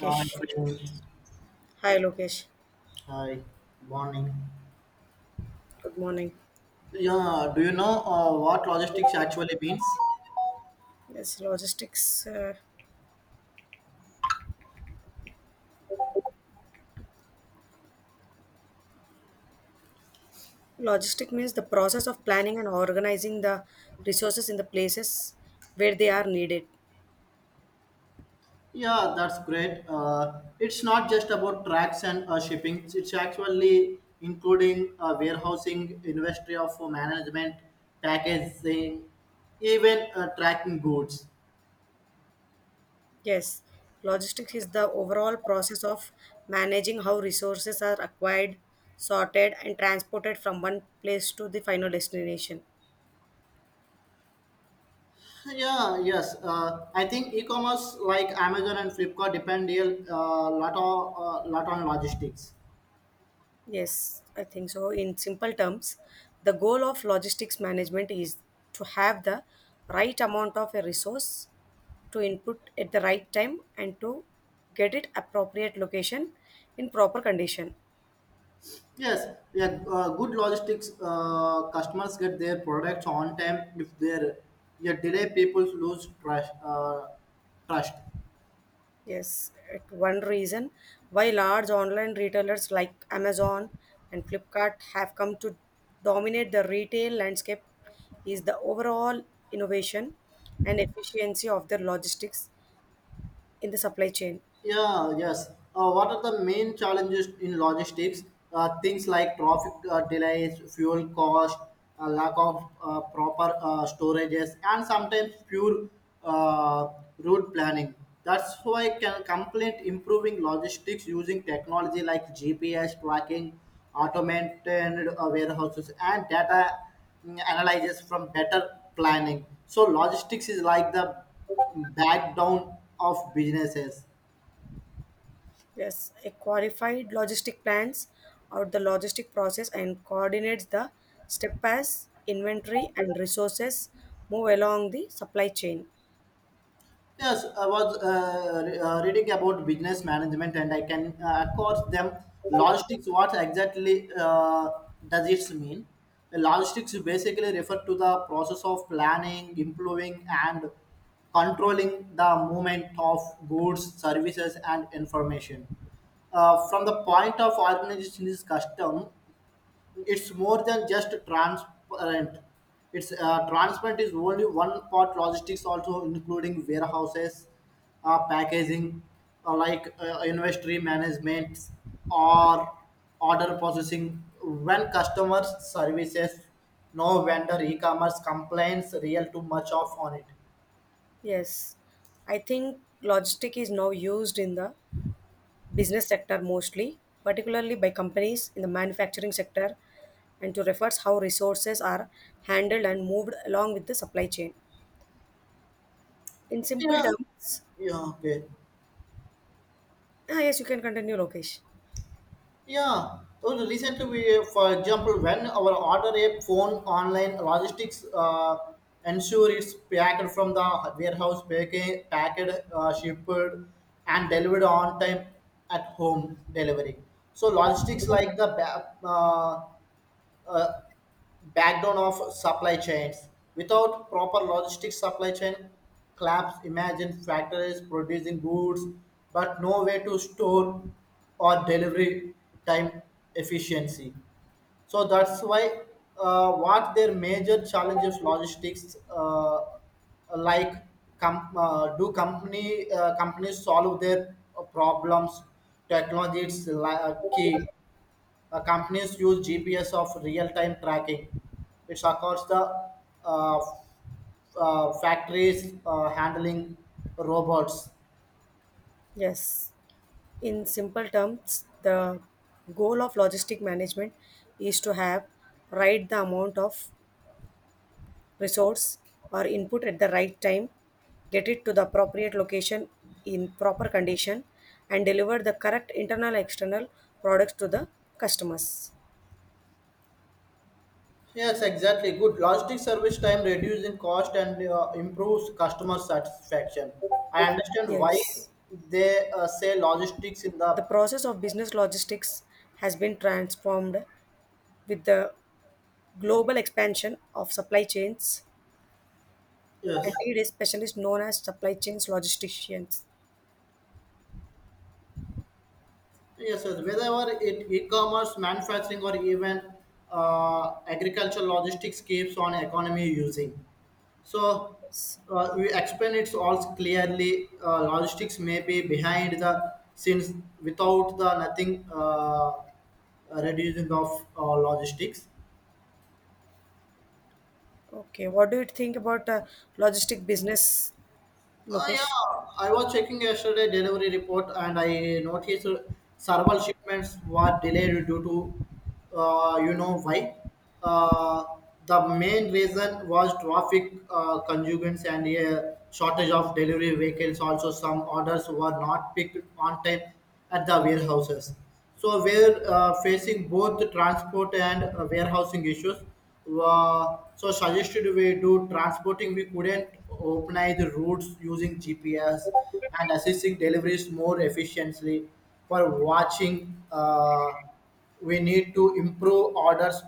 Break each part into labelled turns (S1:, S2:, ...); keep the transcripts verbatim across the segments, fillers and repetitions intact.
S1: Hi, friend.
S2: Hi, Lokesh.
S1: Hi, morning.
S2: Good morning.
S1: Yeah, do you know uh, what logistics actually means?
S2: Yes, logistics. Uh, logistic means the process of planning and organizing the resources in the places where they are needed.
S1: Yeah, that's great. Uh, it's not just about tracks and uh, shipping. It's actually including uh, warehousing, industry of management, packaging, even uh, tracking goods.
S2: Yes, logistics is the overall process of managing how resources are acquired, sorted, and transported from one place to the final destination.
S1: Yeah, yes. Uh, I think e-commerce like Amazon and Flipkart depend a uh, lot on uh, lot on logistics.
S2: Yes, I think so. In simple terms, the goal of logistics management is to have the right amount of a resource to input at the right time and to get it appropriate location in proper condition.
S1: Yes, yeah, uh, good logistics uh, customers get their products on time. If there, yeah, delay people lose trust. Uh, trust.
S2: Yes, it one reason why large online retailers like Amazon and Flipkart have come to dominate the retail landscape is the overall innovation and efficiency of their logistics in the supply chain.
S1: Yeah, yes. Uh, what are the main challenges in logistics? Uh, things like traffic uh, delays, fuel cost, uh, lack of uh, proper uh, storages, and sometimes pure uh, route planning. That's why can complete improving logistics using technology like G P S tracking, automated uh, warehouses, and data mm, analysis from better planning. So logistics is like the backbone of businesses.
S2: Yes, a qualified logistic plans out the logistic process and coordinates the step as inventory and resources move along the supply chain.
S1: Yes, I was uh, uh, reading about business management, and I can uh, across them logistics. What exactly uh, does it mean? Logistics basically refer to the process of planning, improving, and controlling the movement of goods, services, and information. Uh, from the point of organization is custom, it's more than just transparent. It's uh, transparent is only one part. Logistics also including warehouses, uh, packaging, uh, like uh, inventory management or order processing. When customers services, no vendor e-commerce complaints real too much of on it.
S2: Yes, I think logistic is now used in the business sector mostly, particularly by companies in the manufacturing sector, and to refers how resources are handled and moved along with the supply chain. In simple
S1: Yeah.
S2: terms,
S1: Yeah. Okay.
S2: ah, yes, you can continue, Lokesh.
S1: Yeah, so the- recently we, for example, when our order a phone online logistics uh, ensure it's packed from the warehouse, packed, packed uh, shipped, and delivered on time at home delivery. So logistics like the ba- uh, uh, backdoor of supply chains. Without proper logistics supply chain collapse, imagine factories producing goods but no way to store or delivery time efficiency. So that's why uh, what their major challenges logistics uh, like com- uh, do company uh, companies solve their uh, problems technology is like key uh, companies use G P S of real-time tracking. It's across the uh, uh, factories uh, handling robots.
S2: Yes. In simple terms, the goal of logistic management is to have right the amount of resource or input at the right time, get it to the appropriate location in proper condition, and deliver the correct internal external products to the customers.
S1: Yes, exactly. Good logistic service time reducing cost and uh, improves customer satisfaction. I understand why
S2: Yes,
S1: they uh, say logistics in
S2: the
S1: the
S2: process of business logistics has been transformed with the global expansion of supply chains, and
S1: yes
S2: it is specialists known as supply chains logisticians.
S1: yes yes whether it e-commerce, manufacturing, or even uh, agricultural logistics keeps on economy using. So
S2: Yes.
S1: uh, we explain it all clearly. Uh, logistics may be behind the scenes without the nothing uh, reducing of uh, logistics.
S2: Okay, what do you think about uh, logistic business,
S1: Uh, yeah,
S2: Lokesh?
S1: I was checking yesterday delivery report and I noticed several shipments were delayed due to, uh, you know why. Uh, the main reason was traffic uh, congestions and a shortage of delivery vehicles. Also, some orders were not picked on time at the warehouses. So we're uh, facing both transport and uh, warehousing issues uh, so suggested way to transporting we couldn't organize the routes using gps and assisting deliveries more efficiently for watching uh, we need to improve orders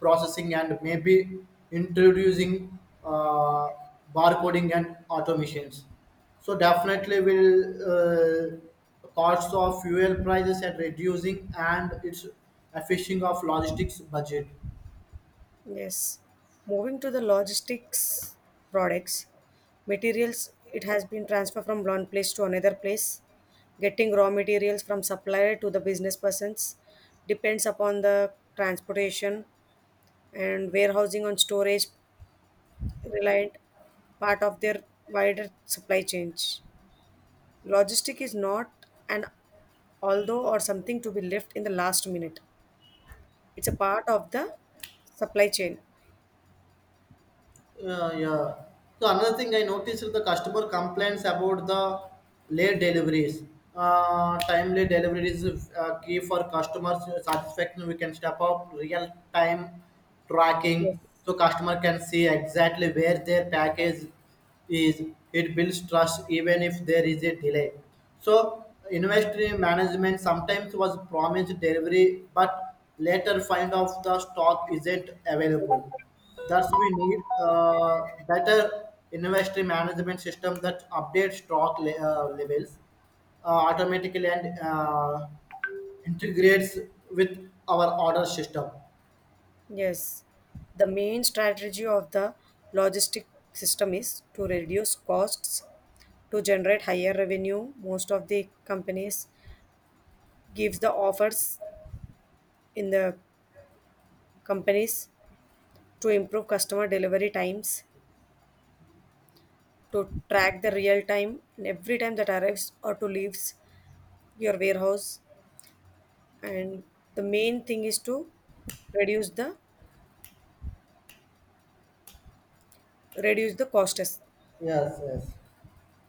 S1: processing and maybe introducing uh, barcoding and automations so definitely will uh, costs of fuel prices and reducing and its efficient of logistics budget.
S2: Yes. Moving to the logistics products, materials, it has been transferred from one place to another place. Getting raw materials from supplier to the business persons depends upon the transportation and warehousing on storage reliant part of their wider supply chain. Logistic is not an although or something to be left in the last minute. It's a part of the supply chain.
S1: Yeah, yeah. So another thing I noticed is the customer complaints about the late deliveries. Uh, timely deliveries is uh, key for customers satisfaction. We can step up real time
S2: Yes.
S1: tracking so customer can see exactly where their package is. It builds trust even if there is a delay. So inventory management sometimes was promised delivery but later find out the stock isn't available. That's we need uh, better inventory management system that updates stock le- uh, levels uh, automatically and uh, integrates with our order system.
S2: Yes. The main strategy of the logistic system is to reduce costs to generate higher revenue. Most of the companies gives the offers in the companies to improve customer delivery times, to track the real time in every time that arrives or to leaves your warehouse. And the main thing is to reduce the reduce the costs.
S1: Yes, yes.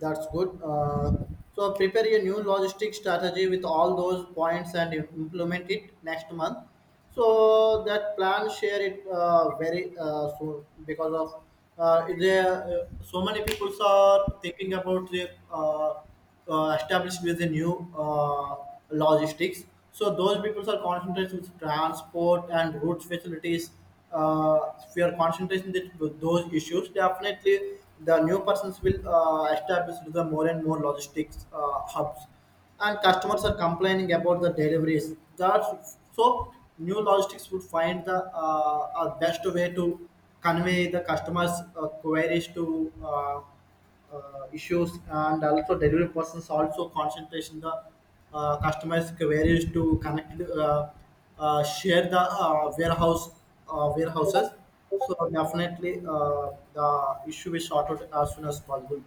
S1: That's good. Uh, so prepare a new logistic strategy with all those points and implement it next month. So that plan share it uh, very uh, soon because of uh, there uh, so many people are thinking about the uh, uh, established with the new uh, logistics. So those people are concentrated with transport and route facilities uh, if we are concentrating that- with those issues, definitely the new persons will uh, establish the more and more logistics uh, hubs, and customers are complaining about the deliveries. That's so new logistics would find the uh, uh, best way to convey the customers' uh, queries to. Uh, uh, issues and also delivery persons also concentration the uh, customized queries to connect uh, uh, share the uh, warehouse uh, warehouses so definitely uh, the issue is sorted as soon as possible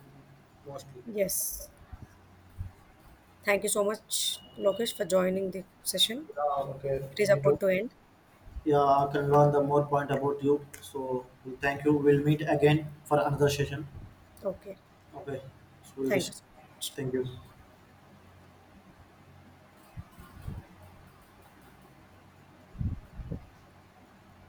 S1: mostly.
S2: Yes. Thank you so much, Lokesh, for joining the session.
S1: Yeah, okay,
S2: It is
S1: me
S2: about
S1: too.
S2: to end.
S1: Yeah, I can learn the more point about you, so we thank you, we'll meet again for another session.
S2: Okay.
S1: Okay, so we'll
S2: Thank you
S1: just
S2: so much.
S1: thank you.